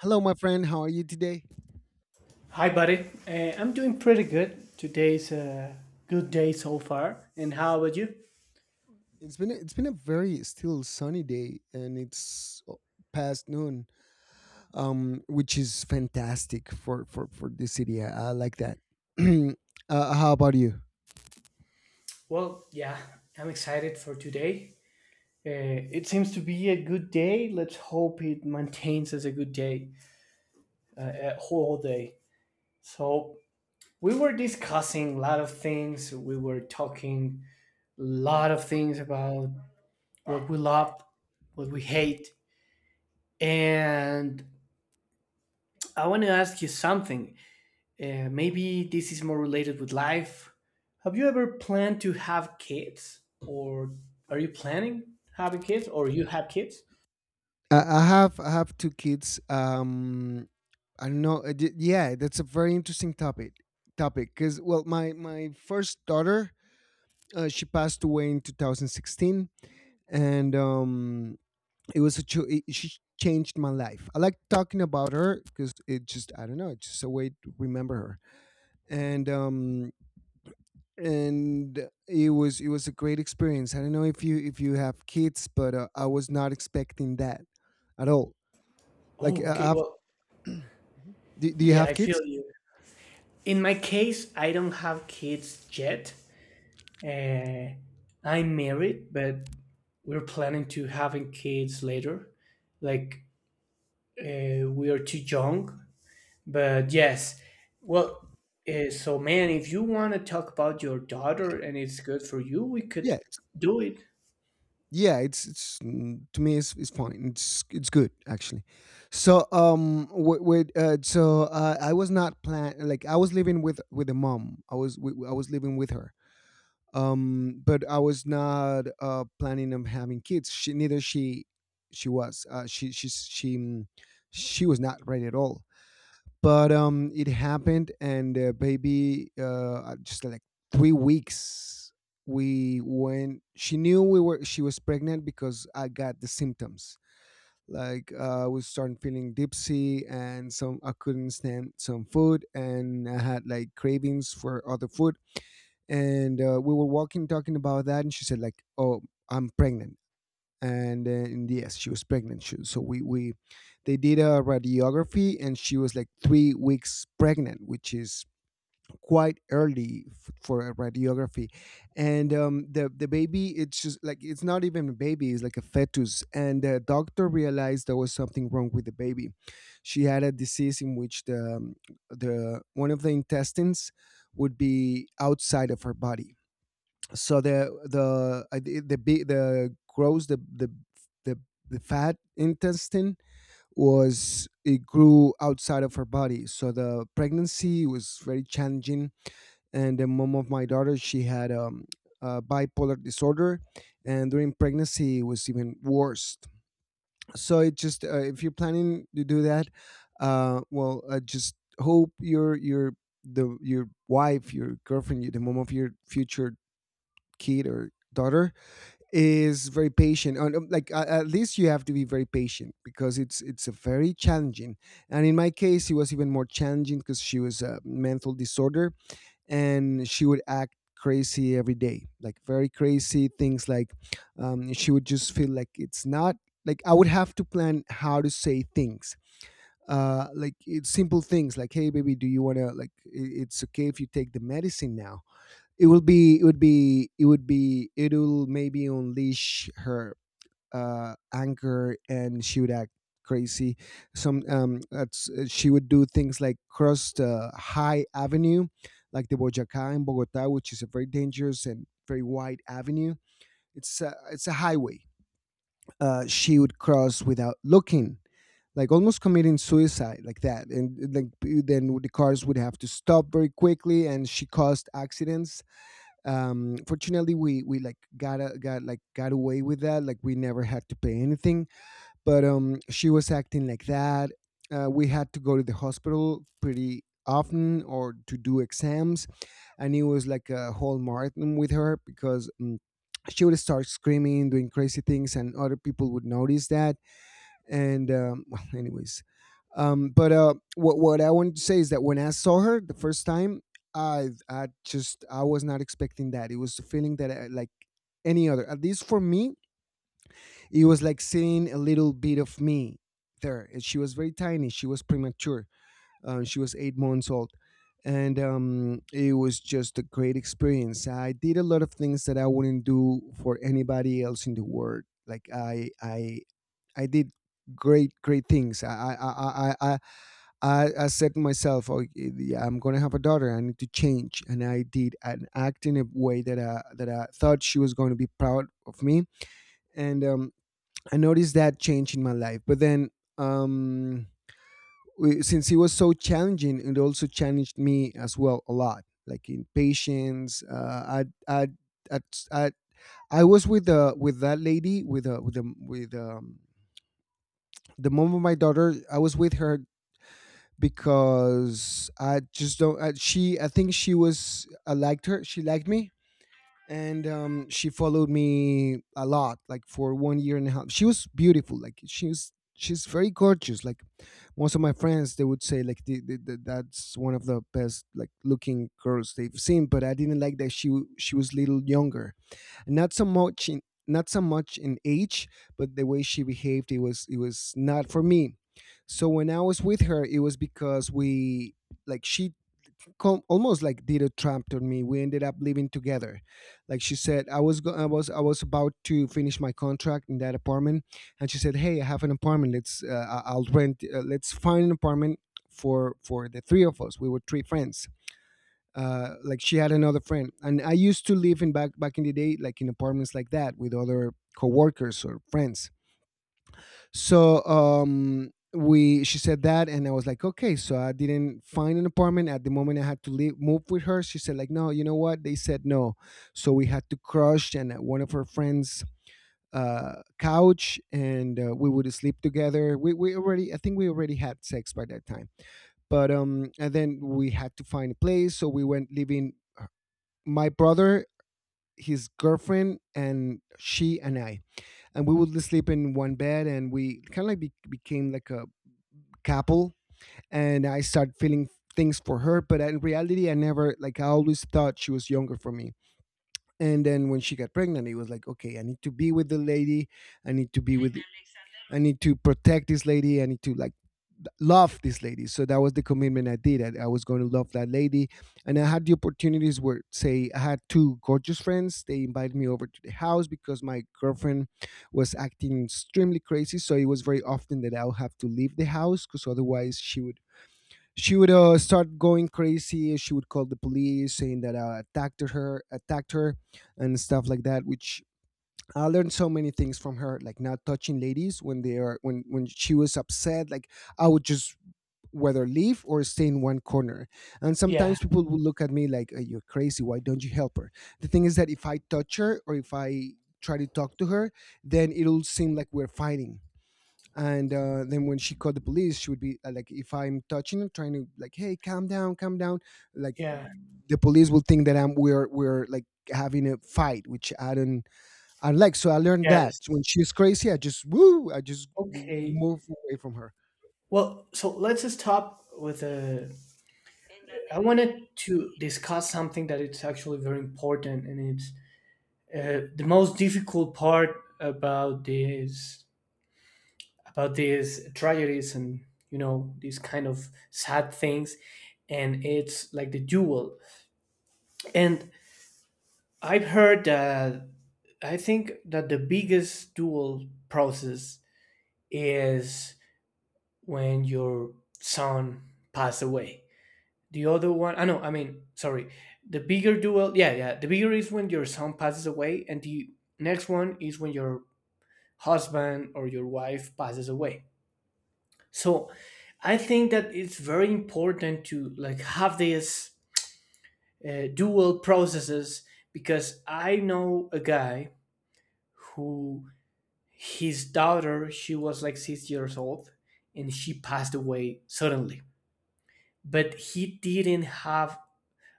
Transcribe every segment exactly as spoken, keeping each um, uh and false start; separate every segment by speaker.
Speaker 1: Hello, my friend. How are you today?
Speaker 2: Hi, buddy. Uh, I'm doing pretty good. Today's a good day so far. And how about you?
Speaker 1: It's been it's been a very still sunny day, and it's oh, past noon, um, which is fantastic for for for this city. I, I like that. uh, how about you?
Speaker 2: Well, yeah, I'm excited for today. Uh, it seems to be a good day. Let's hope it maintains as a good day, uh, a whole day. So, we were discussing a lot of things. We were talking a lot of things about what we love, what we hate. And I want to ask you something. Uh, maybe this is more related with life. Have you ever planned to have kids, or are you planning having kids, or you have kids?
Speaker 1: I, I have I have two kids. Um, I don't know. uh, d- Yeah, that's a very interesting topic. Topic because well, my my first daughter, uh, she passed away in two thousand sixteen, and um, it was a cho- it, she changed my life. I like talking about her because, it just I don't know it's just a way to remember her. And um and it was it was a great experience. I don't know if you if you have kids, but uh, I was not expecting that at all. Like,
Speaker 2: Oh, okay.
Speaker 1: uh, I've,
Speaker 2: Well,
Speaker 1: do, do you
Speaker 2: yeah, I
Speaker 1: have kids?
Speaker 2: feel you. In my case, I don't have kids yet. Uh, I'm married, but we're planning to having kids later. Like, uh, we are too young. But yes, well, uh, so man, if you want to talk about your daughter and it's good for you, we could
Speaker 1: Yeah,
Speaker 2: do it.
Speaker 1: yeah, it's it's mm, to me, it's, it's fine. it's it's good actually. So um with, with uh, so uh, I was not plan- like I was living with with a mom. i was we, I was living with her. Um but I was not uh planning on having kids. She neither. She she was uh she she she mm, She was not ready at all. But um it happened, and uh, baby, uh just like three weeks we went she knew we were- she was pregnant because I got the symptoms. Like, uh, I was starting feeling dipsy, and some- I couldn't stand some food, and I had like cravings for other food. And uh, we were walking, talking about that, and she said like, "Oh, I'm pregnant." And, uh, and yes, she was pregnant. She, so we we they did a radiography, and she was like three weeks pregnant, which is quite early f- for a radiography. And um, the the baby, it's just like, it's not even a baby, it's like a fetus. And the doctor realized there was something wrong with the baby. She had a disease in which the um, the one of the intestines would be outside of her body. So the the uh, the the, big- the gross the the the the fat intestine was it grew outside of her body. So the pregnancy was very challenging. And the mom of my daughter, she had um, a bipolar disorder, and during pregnancy it was even worse. So it just- uh, if you're planning to do that, uh, well uh, just hope your your the your wife, your girlfriend, your- the mom of your future kid or daughter is very patient. And um, like, a- at least you have to be very patient, because it's it's a very challenging- and in my case it was even more challenging because she was- a mental disorder. And she would act crazy every day, like very crazy things. Like, um, she would just feel like it's not- like I would have to plan how to say things. Uh like, it's simple things like, "Hey, baby, do you want to, like, i- it's okay if you take the medicine now?" It will be it would be it would be it will maybe unleash her uh anger, and she would act crazy. Some- um that's- uh, she would do things like cross the high avenue, like the Bojaca in Bogota, which is a very dangerous and very wide avenue. It's a, it's a highway. Uh she would cross without looking, like almost committing suicide like that, and like then the cars would have to stop very quickly, and she caused accidents. Um fortunately, we we like got a, got, like, got away with that. Like, we never had to pay anything. But um she was acting like that. Uh, we had to go to the hospital pretty often, or to do exams, and it was like a whole marathon with her, because um, she would start screaming, doing crazy things, and other people would notice that. And um, well, anyways, um, but uh, what what I wanted to say is that when I saw her the first time, I I just I was not expecting that. It was a feeling that I, like any other, at least for me, it was like seeing a little bit of me there. And she was very tiny. She was premature. Uh, she was eight months old. And um, it was just a great experience. I did a lot of things that I wouldn't do for anybody else in the world. Like, I, I I did great great things. I I I I I, I I said to myself, "Oh, yeah, I'm gonna have a daughter. I need to change," and I did, and act in a way that I that I thought she was going to be proud of me. And um, I noticed that change in my life. But then um, we- since it was so challenging, it also challenged me as well a lot, like in patience. Uh, I I. I, I, I was with the with that lady, with the- with the with um, the mom of my daughter. I was with her because I just don't. I, she, I think she was- I liked her, she liked me, and um, she followed me a lot, like for one year and a half. She was beautiful. Like she was. She's very gorgeous. Like, most of my friends, they would say like, the, the, the, that's one of the best like looking girls they've seen. But I didn't like that she w- she was- little younger, not so much in- not so much in age, but the way she behaved, it was it was not for me. So when I was with her, it was because we like she com- almost like did a trap to me. We ended up living together. Like she said- I was go- I was I was about to finish my contract in that apartment, and she said, "Hey, I have an apartment. Let's, uh, I- I'll rent. Uh, let's find an apartment For, for the three of us." We were three friends. Uh, like, she had another friend, and I used to live in- back back in the day, like in apartments like that with other coworkers or friends. So um, we, she said that, and I was like, "Okay." So I didn't find an apartment at the moment. I had to leave, move with her. She said like, "No, you know what? They said no." So we had to crush and at one of her friends' uh couch, and uh, we would sleep together. We we already i think we already had sex by that time, but um and then we had to find a place, so we went living- my brother, his girlfriend, and she and I, and we would sleep in one bed, and we kind of like be- became like a couple. And I started feeling things for her, but in reality, I never- like, I always thought she was younger for me. And then when she got pregnant, it was like, "Okay, I need to be with the lady. I need to be with I need to protect this lady. I need to, like, love this lady." So that was the commitment I did. I, I was going to love that lady. And I had the opportunities where, say, I had two gorgeous friends. They invited me over to the house because my girlfriend was acting extremely crazy. So it was very often that I would have to leave the house, because otherwise she would- she would, uh, start going crazy. She would call the police, saying that I attacked her, attacked her, and stuff like that. Which, I learned so many things from her, like not touching ladies when they are when when she was upset. Like, I would just whether leave or stay in one corner. And
Speaker 2: Yeah,
Speaker 1: sometimes people would look at me like, "Uh, you're crazy. Why don't you help her?" The thing is that if I touch her, or if I try to talk to her, then it'll seem like we're fighting. And uh, then when she called the police, she would be, uh, like, if I'm touching her, trying to like, "Hey, calm down, calm down," like,
Speaker 2: yeah,
Speaker 1: the police will think that I'm we're we're like having a fight, which I don't- I like so I learned that.
Speaker 2: yes.
Speaker 1: So when she's crazy, I just, woo, I just m-
Speaker 2: Okay.
Speaker 1: move away from her.
Speaker 2: Well, so let's just stop with a. I wanted to discuss something that it's actually very important, and it's, uh, the most difficult part about this, about these tragedies and, you know, these kind of sad things, and it's like the duel. And I've heard that, I think that the biggest dual process is when your son passed away. The other one, I know, I mean, sorry. The bigger duel, yeah, yeah. The bigger is when your son passes away, and the next one is when your husband or your wife passes away. So I think that it's very important to like have these, uh, dual processes, because I know a guy who, his daughter, she was like six years old, and she passed away suddenly, but he didn't have,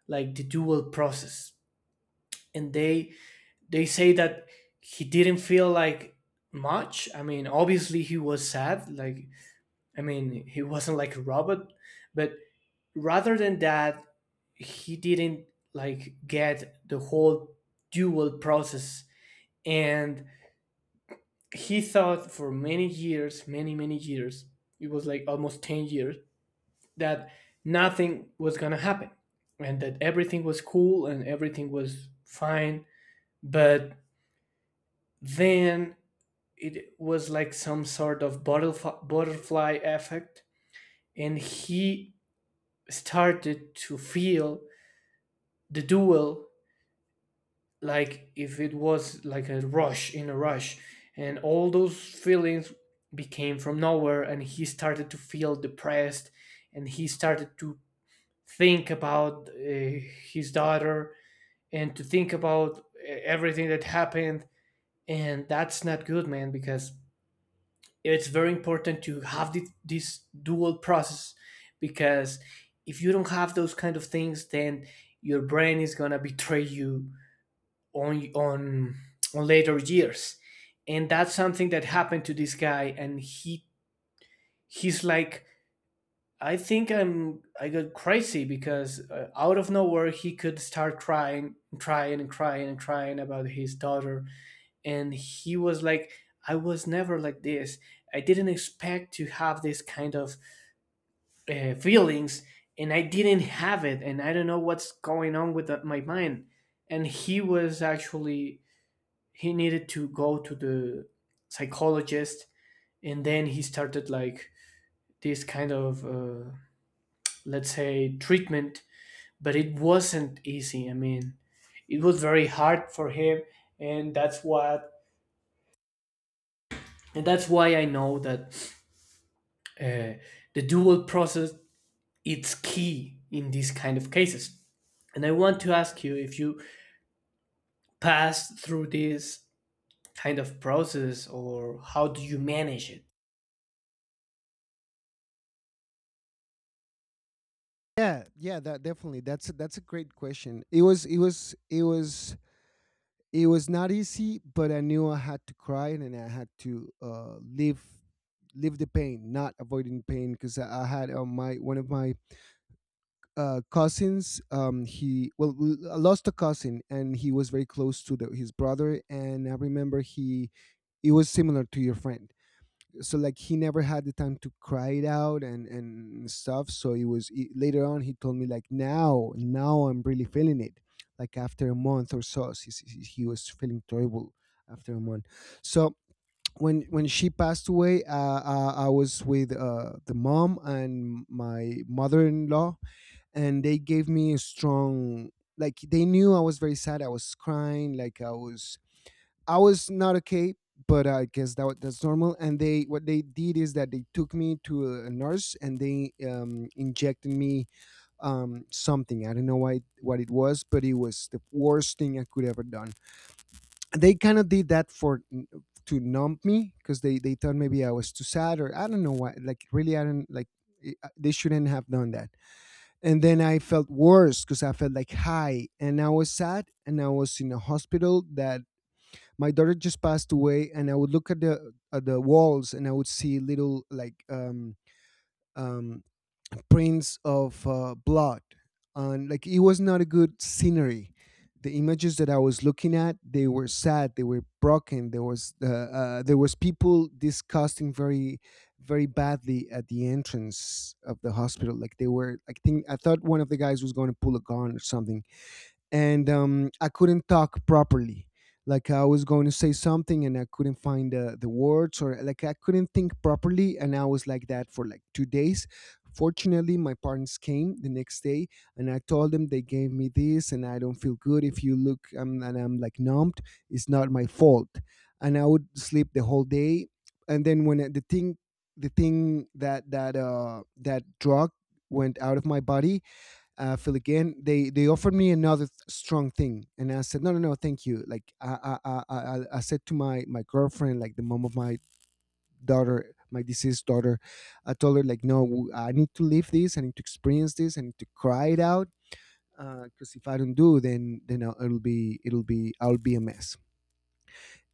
Speaker 2: like, the dual process, and they they say that he didn't feel like much. I mean, obviously he was sad, like, I mean he wasn't like a robot, but rather than that he didn't, like, get the whole dual process. And he thought for many years, many, many years, it was like almost ten years, that nothing was going to happen, and that everything was cool and everything was fine. But then it was like some sort of butterf- butterfly effect, and he started to feel the dual, like if it was like a rush, in a rush, and all those feelings became from nowhere, and he started to feel depressed, and he started to think about, uh, his daughter, and to think about, uh, everything that happened. And that's not good, man, because it's very important to have thi- this dual process, because if you don't have those kind of things, then your brain is gonna betray you on on on later years. And that's something that happened to this guy, and he he's like, I think, i'm i got crazy, because, uh, out of nowhere he could start crying, crying and crying and crying about his daughter, and he was like, I was never like this, I didn't expect to have this kind of, uh, feelings, and I didn't have it, and I don't know what's going on with, uh, my mind. And he was actually, he needed to go to the psychologist, and then he started, like, this kind of, uh, let's say, treatment, but it wasn't easy. I mean, it was very hard for him. And that's what, and that's why I know that, uh, the dual process, it's key in these kind of cases. And I want to ask you, if you passed through this kind of process, or how do you manage it.
Speaker 1: Yeah, yeah, that definitely. That's a, that's a great question. It was it was it was it was not easy, but I knew I had to cry and I had to uh live live the pain, not avoiding pain because I, I had uh, my one of my uh cousins um he well l- I lost a cousin, and he was very close to the, his brother. And I remember he, it was similar to your friend. So like he never had the time to cry it out, and and stuff. So it was it, later on he told me like now now I'm really feeling it, like after a month or so, he, he he was feeling terrible after a month. So when when she passed away, uh, uh, I was with uh, the mom and my mother-in-law, and they gave me a strong, like they knew I was very sad, I was crying, like I was, I was not okay, but I guess that wa- that's normal. And they, what they did is that they took me to a a nurse, and they um, injected me um, something. I don't know why, what it was, but it was the worst thing I could ever done. They kind of did that for n- to numb me because they they thought maybe I was too sad, or I don't know why. Like really, I don't like. it- uh, They shouldn't have done that. And then I felt worse because I felt like high, and I was sad, and I was in a hospital that my daughter just passed away, and I would look at the, at the walls, and I would see little, like um um prints of uh, blood, and like it was not a good scenery. The images that I was looking at, they were sad, they were broken. There was uh, uh, there was people disgusting very very badly at the entrance of the hospital. Like, they were, I think I thought one of the guys was going to pull a gun or something. And um, I couldn't talk properly. Like, I was going to say something and I couldn't find uh, the words, or like I couldn't think properly, and I was like that for like two days. Fortunately, my parents came the next day, and I told them they gave me this, and I don't feel good. If you look, um, and I'm like numbed, it's not my fault. And I would sleep the whole day, and then when uh, the thing, the thing that that uh that drug went out of my body, uh, fill again. They they offered me another th- strong thing, and I said no, no, no, thank you. Like I I I, I, I said to my my girlfriend, like the mom of my daughter, my deceased daughter. I told her like, no, I need to live this, I need to experience this, I need to cry it out, because if I don't do, then then I'll, it'll be it'll be I'll be a mess.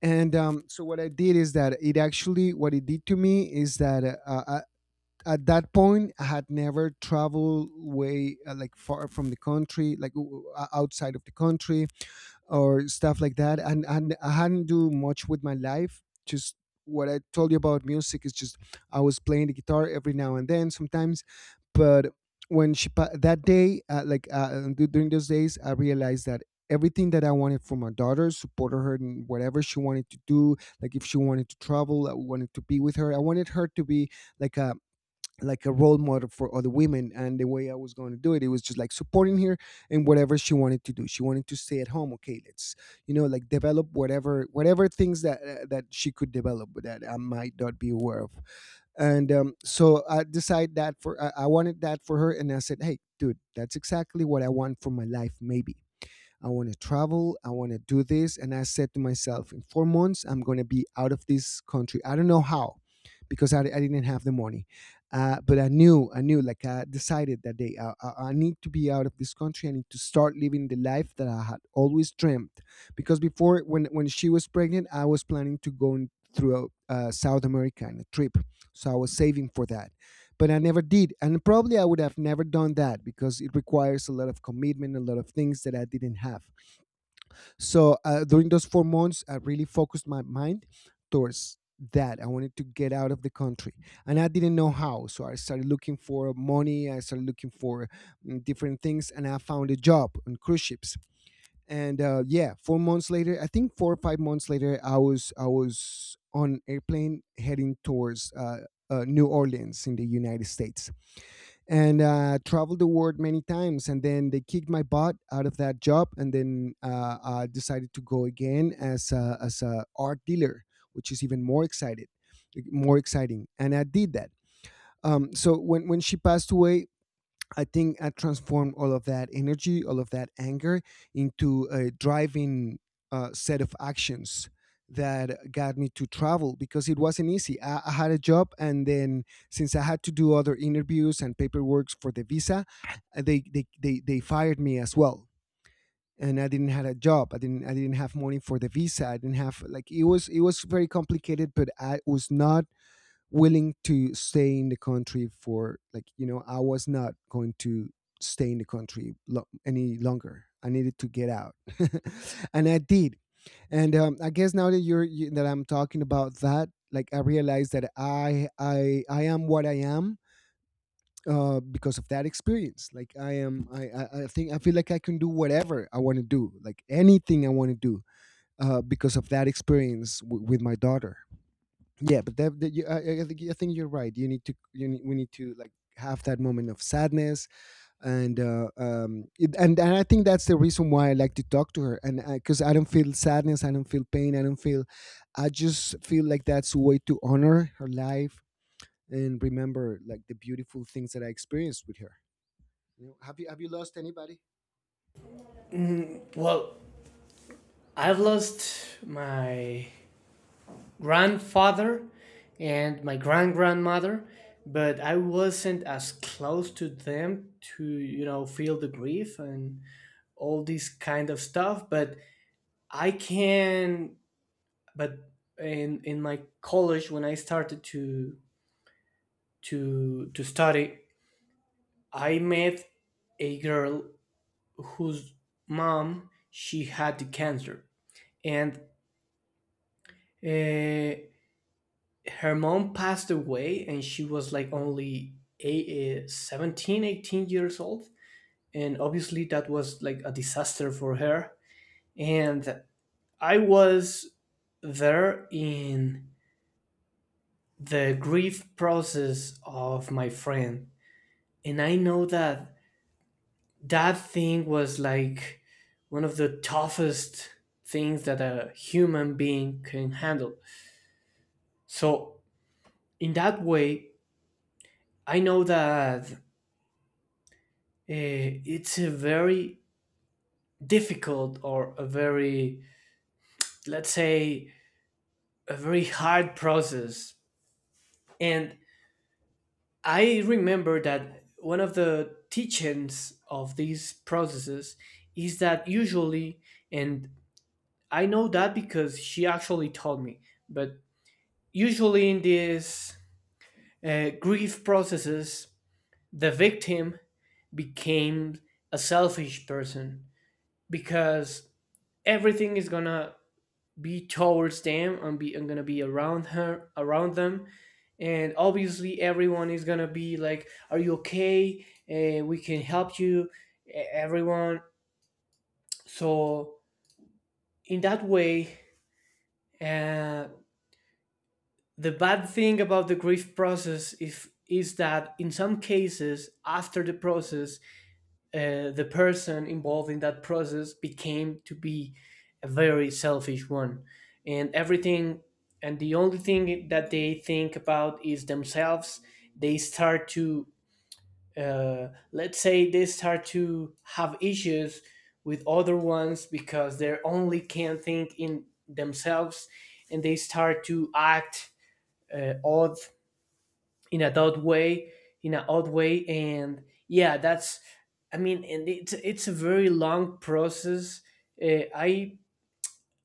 Speaker 1: And um, so what I did is that, it actually what it did to me is that uh, I, at that point I had never traveled way uh, like far from the country, like o- o- outside of the country or stuff like that. And, and I hadn't do much with my life, just what I told you about music is just I was playing the guitar every now and then sometimes. But when she pa- that day, uh, like uh, d- during those days I realized that everything that I wanted for my daughter, supported her in whatever she wanted to do. Like if she wanted to travel, I wanted to be with her, I wanted her to be like a, like a role model for other women, and the way I was going to do it, it was just like supporting her in whatever she wanted to do. She wanted to stay at home, okay, let's, you know, like develop whatever whatever things that uh, that she could develop that I might not be aware of. And um, so I decided that for I, I wanted that for her, and I said, hey dude, that's exactly what I want for my life, maybe. I want to travel. I want to do this. And I said to myself, in four months, I'm going to be out of this country. I don't know how, because I, I didn't have the money. Uh, but I knew, I knew, like I decided that day, I, I I need to be out of this country. I need to start living the life that I had always dreamt. Because before, when, when she was pregnant, I was planning to go in- through uh, South America in a trip. So I was saving for that. But I never did. And probably I would have never done that because it requires a lot of commitment, a lot of things that I didn't have. So uh, during those four months, I really focused my mind towards that. I wanted to get out of the country, and I didn't know how. So I started looking for money. I started looking for mm, different things, and I found a job on cruise ships. And uh, yeah, four months later, I think four or five months later, I was I was on airplane heading towards uh, uh, New Orleans in the United States, and uh, traveled the world many times. And then they kicked my butt out of that job, and then uh, I decided to go again as a, as a art dealer, which is even more excited, more exciting. And I did that. Um, so when when she passed away, I think I transformed all of that energy, all of that anger into a driving uh, set of actions that got me to travel, because it wasn't easy. I, I had a job, and then since I had to do other interviews and paperwork for the visa, uh, they, they, they, they fired me as well. And I didn't have a job. I didn't. I didn't have money for the visa. I didn't have, like it was, it was very complicated, but I was not willing to stay in the country for, like, you know, I was not going to stay in the country lo- any longer, I needed to get out and I did. And um, I guess now that you're you, that I'm talking about that, like I realized that i i i am what I am, uh, because of that experience. Like I am, I, I I think I feel like I can do whatever I want to do, like anything I want to do, uh, because of that experience w- with my daughter. Yeah, but that, that you, I, I think I think you're right, you need to you need, we need to like have that moment of sadness. And uh, um it, and and I think that's the reason why I like to talk to her, and because I, 'cause I don't feel sadness, I don't feel pain, I don't feel. I just feel like that's a way to honor her life and remember like the beautiful things that I experienced with her, you know. Have you have you lost anybody?
Speaker 2: Well, I've lost my grandfather and my grand grandmother, but I wasn't as close to them to, you know, feel the grief and all this kind of stuff. But I can. But in, in my college, when I started to, to, to study, I met a girl whose mom, she had the cancer. And, uh, her mom passed away, and she was like only eight, eh, seventeen eighteen years old, and obviously that was like a disaster for her. And I was there in the grief process of my friend, and I know that that thing was like one of the toughest things that a human being can handle. So in that way, I know that, Eh, it's a very difficult, or a very, let's say, a very hard process. And I remember that one of the teachings of these processes is that, usually, and I know that because she actually told me, but usually in these, uh, grief processes, the victim became a selfish person, because everything is gonna be towards them, and be, I'm gonna be around her, around them. And obviously everyone is gonna be like, are you okay, uh, we can help you, e- everyone. So in that way, uh, the bad thing about the grief process is is that in some cases, after the process, uh, the person involved in that process became to be a very selfish one, and everything, and the only thing that they think about is themselves. They start to, uh, let's say, they start to have issues with other ones, because they only can think in themselves, and they start to act, uh, odd, in a odd way, in an odd way, and yeah, that's. I mean, and it's it's a very long process. Uh, I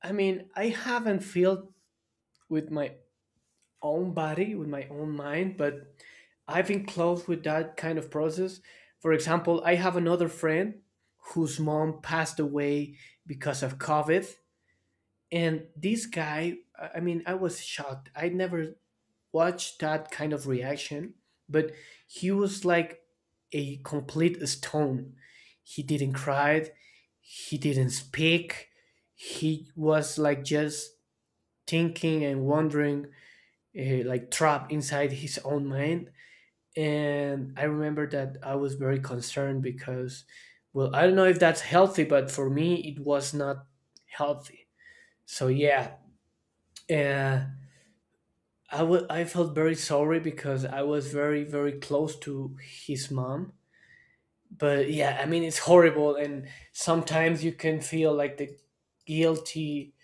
Speaker 2: I mean, I haven't felt with my own body, with my own mind, but I've been close with that kind of process. For example, I have another friend whose mom passed away because of COVID, and this guy, I I mean, I was shocked. I never watch that kind of reaction, but he was like a complete stone. He didn't cry, he didn't speak. He was like just thinking and wondering, eh, like trapped inside his own mind. And I remember that I was very concerned because, well, I don't know if that's healthy, but for me, it was not healthy. So, yeah. Uh, I wa- I felt very sorry, because I was very, very close to his mom. But yeah, I mean, it's horrible, and sometimes you can feel like the guilty,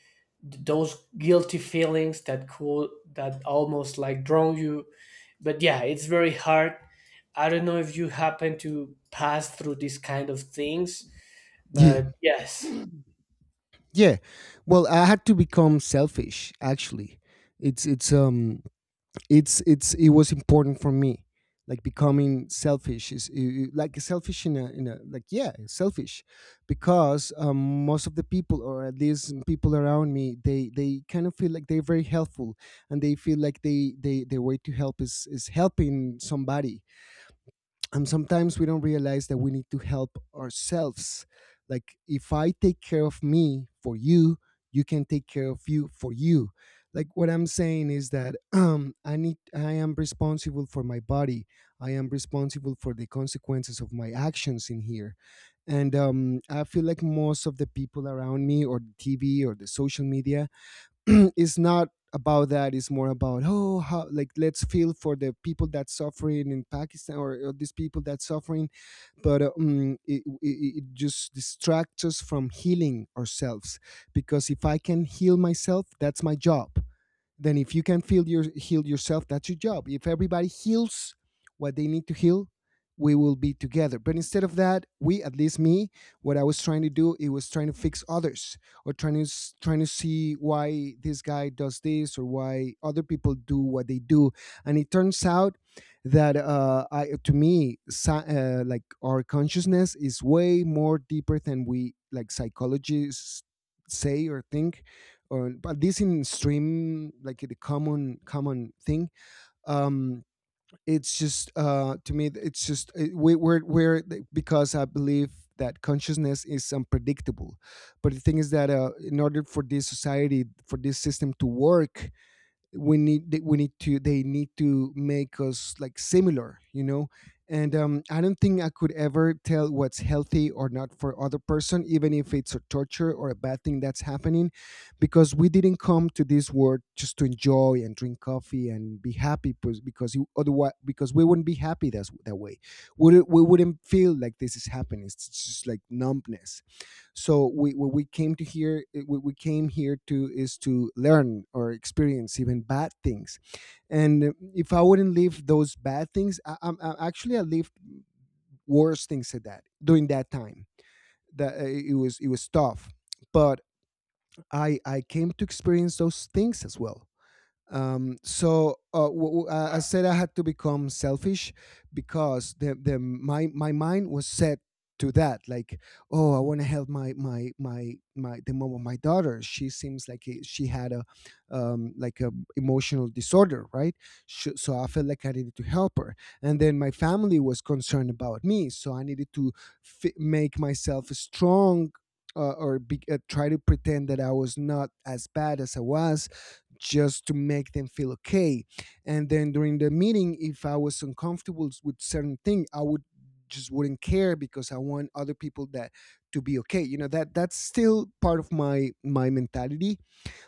Speaker 2: those guilty feelings that cool, that almost like drown you. But yeah, it's very hard. I don't know if you happen to pass through these kind of things,
Speaker 1: Yeah.
Speaker 2: but yes,
Speaker 1: Yeah. Well, I had to become selfish actually. It's it's um it's it's it was important for me. Like becoming selfish is i- i- like selfish in a, in a like, yeah, selfish, because um, most of the people, or at least people around me, they they kind of feel like they're very helpful, and they feel like they they their way to help is is helping somebody. And sometimes we don't realize that we need to help ourselves. Like if I take care of me for you, you can take care of you for you. Like what I'm saying is that um I need, I am responsible for my body, I am responsible for the consequences of my actions in here. And um I feel like most of the people around me, or the TV or the social media it's not about that. It's more about, oh, how, like let's feel for the people that's suffering in Pakistan, or, or these people that's suffering. But um, it, it, it just distracts us from healing ourselves, because if I can heal myself, that's my job. Then if you can feel your heal yourself, that's your job. If everybody heals what they need to heal, we will be together. But instead of that, we, at least me, what I was trying to do, it was trying to fix others, or trying to s- trying to see why this guy does this, or why other people do what they do. And it turns out that uh, I, to me sci- uh, like our consciousness is way more deeper than we, like psychologists say or think, or but this in stream, like the common common thing, um it's just uh to me it's just uh, we, we're we're eh, because I believe that consciousness is unpredictable. But the thing is that uh, in order for this society, for this system to work, we need they- we need to, they need to make us like similar, you know. And um, I don't think I could ever tell what's healthy or Not for other person, even if it's a torture or a bad thing that's happening, because we didn't come to this world just to enjoy and drink coffee and be happy pos- because you otherwise, because we wouldn't be happy that's, that way we, wouldn't- we wouldn't feel like this is happening. It's just like numbness. So we what we came to here, what we came here to is to learn or experience even bad things. And eh, if I wouldn't live those bad things, i, I, I actually I lived worse things at that during that time. That uh, It was it was tough, but i i came to experience those things as well. um, so uh, w- w- uh, I said I had to become selfish, because the, the my my mind was set to that. Like, oh, I want to help my my my my the mom of my daughter. She seems like it, she had a um, like a emotional disorder, right? Sh So I felt like I needed to help her. And then my family was concerned about me, so I needed to fi- make myself strong. Uh, or be, uh, try to pretend that I was not as bad as I was, just to make them feel okay. And then during the meeting, if I was uncomfortable with certain thing, I would just wouldn't care because I want other people that to be okay. You know, that that's still part of my my mentality,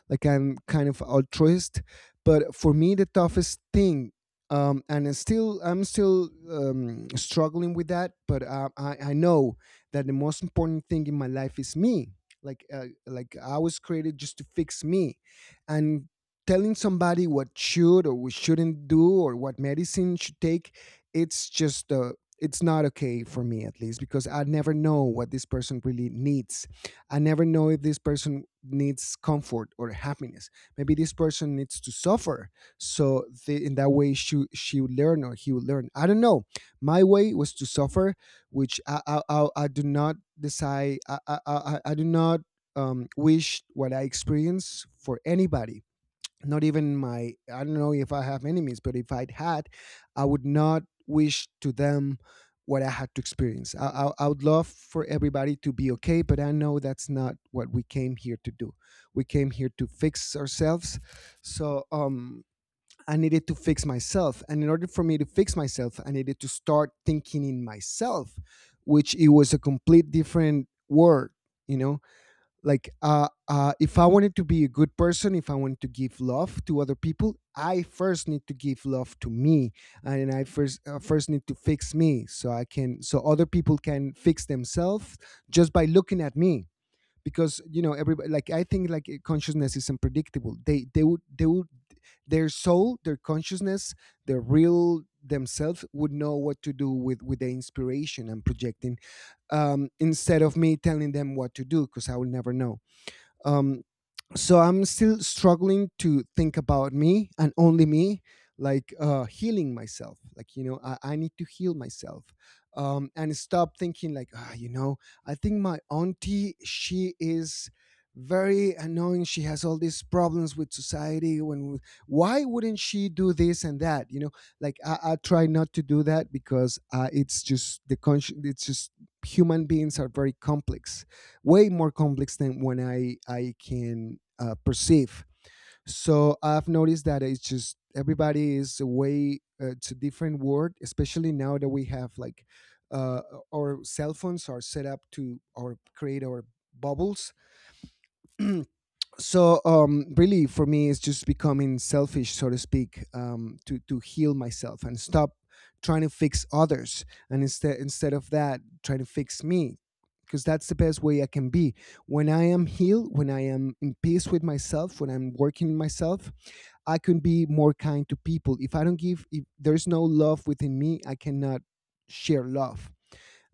Speaker 1: like I'm kind of altruist. But for me, the toughest thing, um, and it's still I'm still um, struggling with that. But uh, I, I know that the most important thing in my life is me. Like uh, like I was created just to fix me, and telling somebody what should or we shouldn't do or what medicine should take, it's just uh, it's not okay for me at least, because I never know what this person really needs. I never know if this person needs comfort or happiness. Maybe this person needs to suffer. So the, in that way, she, she would learn, or he would learn. I don't know. My way was to suffer, which I, I, I, I do not decide. I, I, I, I do not um, wish what I experience for anybody, not even my— I don't know if I have enemies, but if I had, I would not wish to them what I had to experience. I, I, I would love for everybody to be okay, but I know that's not what we came here to do. We came here to fix ourselves. So um I needed to fix myself, and in order for me to fix myself, I needed to start thinking in myself, which it was a complete different word, you know. Like uh, uh, if I wanted to be a good person, if I wanted to give love to other people, I first need to give love to me, and I first uh, first need to fix me, so I can— so other people can fix themselves just by looking at me. Because, you know, everybody, like I think, like consciousness is unpredictable. They they would they would, their soul, their consciousness, their real themselves would know what to do with with the inspiration I'm projecting, um, instead of me telling them what to do, because I will never know. Um, so I'm still struggling to think about me and only me, like uh, healing myself. Like, you know, I, I need to heal myself, um, and stop thinking, like, ah, you know, I think my auntie, she is very annoying. She has all these problems with society: when why wouldn't she do this and that, you know. like i, I try not to do that, because uh, it's just the consci- it's just human beings are very complex, way more complex than when I I can uh, perceive. So I've noticed that it's just everybody is way uh, to different world, especially now that we have like uh, our cell phones are set up to or create our bubbles. So um really, for me, it's just becoming selfish, so to speak, um to to heal myself and stop trying to fix others, and instead— instead of that, trying to fix me, because that's the best way I can be. When I am healed, when I am in peace with myself, when I'm working in myself, I can be more kind to people. If I don't give— if there's no love within me, I cannot share love.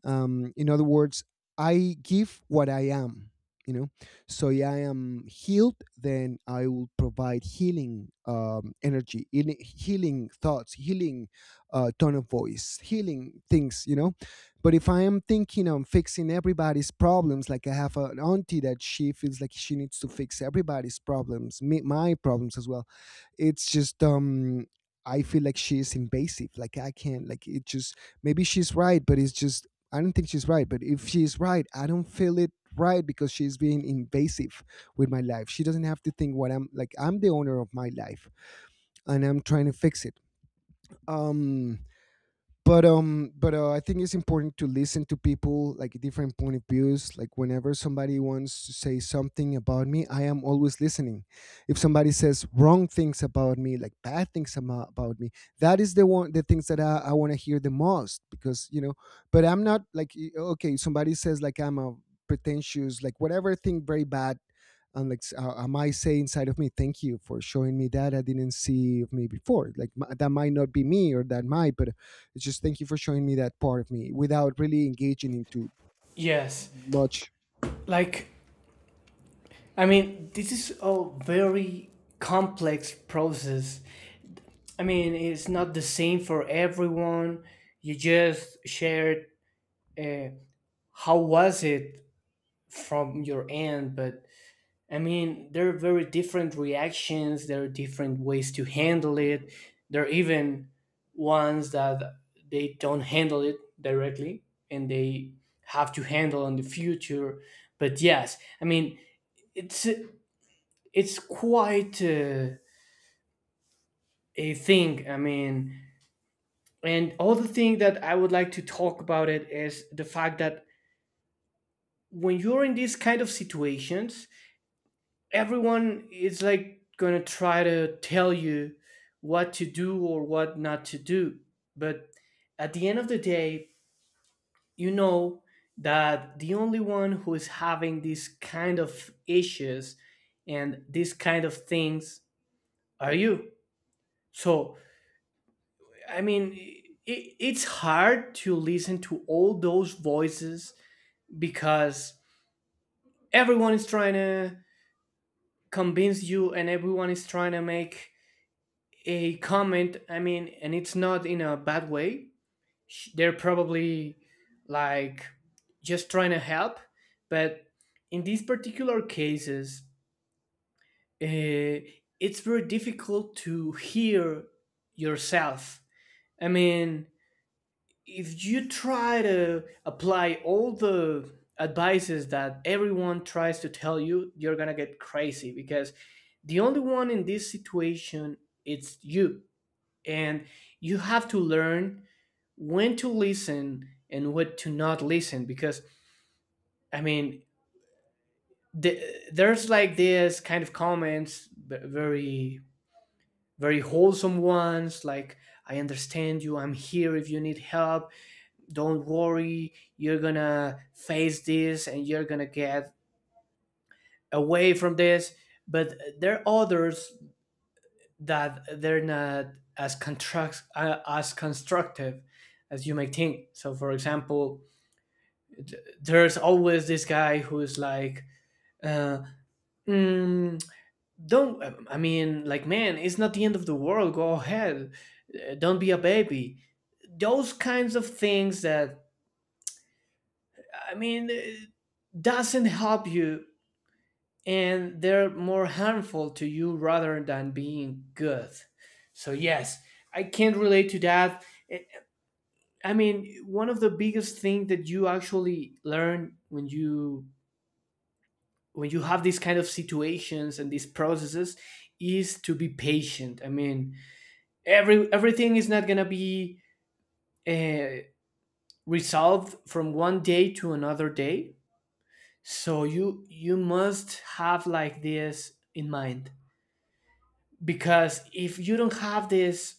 Speaker 1: um, In other words, I give what I am. You know, so yeah, I am healed. Then I will provide healing um, energy, healing healing thoughts, healing uh, tone of voice, healing things. You know, but if I am thinking on fixing everybody's problems, like I have an auntie that she feels like she needs to fix everybody's problems, me, my problems as well, it's just um I feel like she is invasive. Like, I can't, like, it just— maybe she's right, but it's just, I don't think she's right. But if she's right, I don't feel it right, because she's being invasive with my life. She doesn't have to think what I'm— like, I'm the owner of my life, and I'm trying to fix it. Um but um but uh, I think it's important to listen to people, like different point of views. Like, whenever somebody wants to say something about me, I am always listening. If somebody says wrong things about me, like bad things ama- about me, that is the one the things that i, I want to hear the most, because, you know. But I'm not like— y- okay, somebody says like I'm a pretentious, like whatever, thing very bad, and like s- uh, I might say inside of me, thank you for showing me that I didn't see of me before. Like, m- that might not be me, or that might, but it's just, thank you for showing me that part of me without really engaging into
Speaker 2: yes.
Speaker 1: much.
Speaker 2: Like, I mean, this is a very complex process. I mean, it's not the same for everyone. You just shared, uh, how was it from your end, but I mean, there are very different reactions. There are different ways to handle it. There are even ones that they don't handle it directly, and they have to handle in the future. But yes, I mean, it's it's quite, uh, a thing. I mean. And other thing that I would like to talk about it is the fact that, when you're in these kind of situations, everyone is like gonna try to tell you what to do or what not to do. But at the end of the day, you know that the only one who is having these kind of issues and these kind of things are you. So, I mean, I it's hard to listen to all those voices, because everyone is trying to convince you, and everyone is trying to make a comment. I mean, and it's not in a bad way. They're probably, like, just trying to help, but in these particular cases, uh, it's very difficult to hear yourself. I mean, if you try to apply all the advices that everyone tries to tell you, you're gonna get crazy, because the only one in this situation, it's you, and you have to learn when to listen, and what to not listen, because, I mean, the, there's, like, this kind of comments, b- very, very wholesome ones, like, I understand you, I'm here if you need help, don't worry, you're gonna face this and you're gonna get away from this. But there are others that they're not as construct uh, as constructive as you may think. So, for example, th- there's always this guy who's like, uh, "Mm, don't, I mean, like, man, it's not the end of the world, go ahead. Uh, don't be a baby," those kinds of things that, I mean, uh, doesn't help you, and they're more harmful to you rather than being good. So yes, I can't relate to that. I I mean, one of the biggest things that you actually learn when you when you have these kind of situations and these processes is to be patient. I mean, every everything is not gonna be, uh, resolved from one day to another day. So you you must have like this in mind, because if you don't have this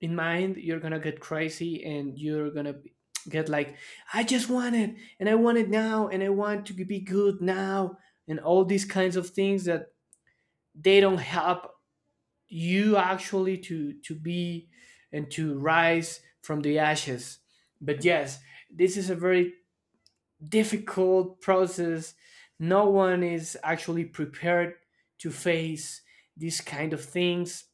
Speaker 2: in mind, you're gonna get crazy, and you're gonna be- get like, I just want it, and I want it now, and I want to be good now, and all these kinds of things that they don't help you actually to to be, and to rise from the ashes. But yes, this is a very difficult process. No one is actually prepared to face these kind of things.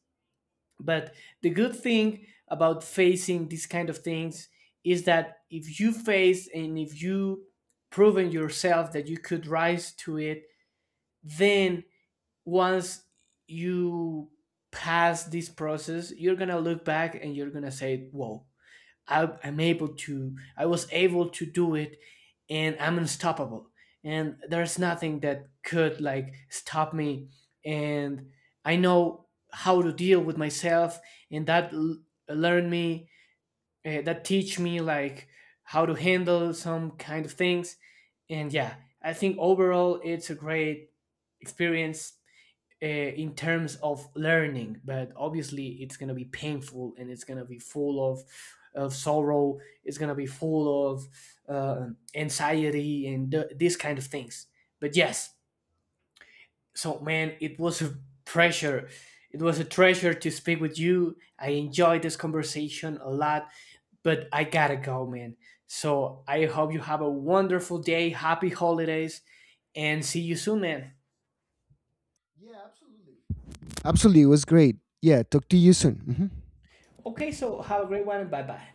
Speaker 2: But the good thing about facing these kind of things is that, if you face, and if you proven yourself that you could rise to it, then once you pass this process, you're gonna look back and you're gonna say, "Whoa, I, I'm able to, I was able to do it, and I'm unstoppable. And there's nothing that could like stop me. And I know how to deal with myself, and that l- learn me, uh, that teach me, like, how to handle some kind of things." And yeah, I think overall it's a great experience, uh, in terms of learning, but obviously it's going to be painful, and it's going to be full of of sorrow, it's going to be full of, uh, anxiety and th- these kind of things. But yes, so man, it was a pressure, it was a treasure to speak with you, I enjoyed this conversation a lot, but I gotta go, man. So I hope you have a wonderful day, happy holidays, and see you soon, man.
Speaker 1: Yeah, absolutely. Absolutely, it was great. Yeah, talk to you soon. Hmm.
Speaker 2: Okay, so have a great one, and bye bye.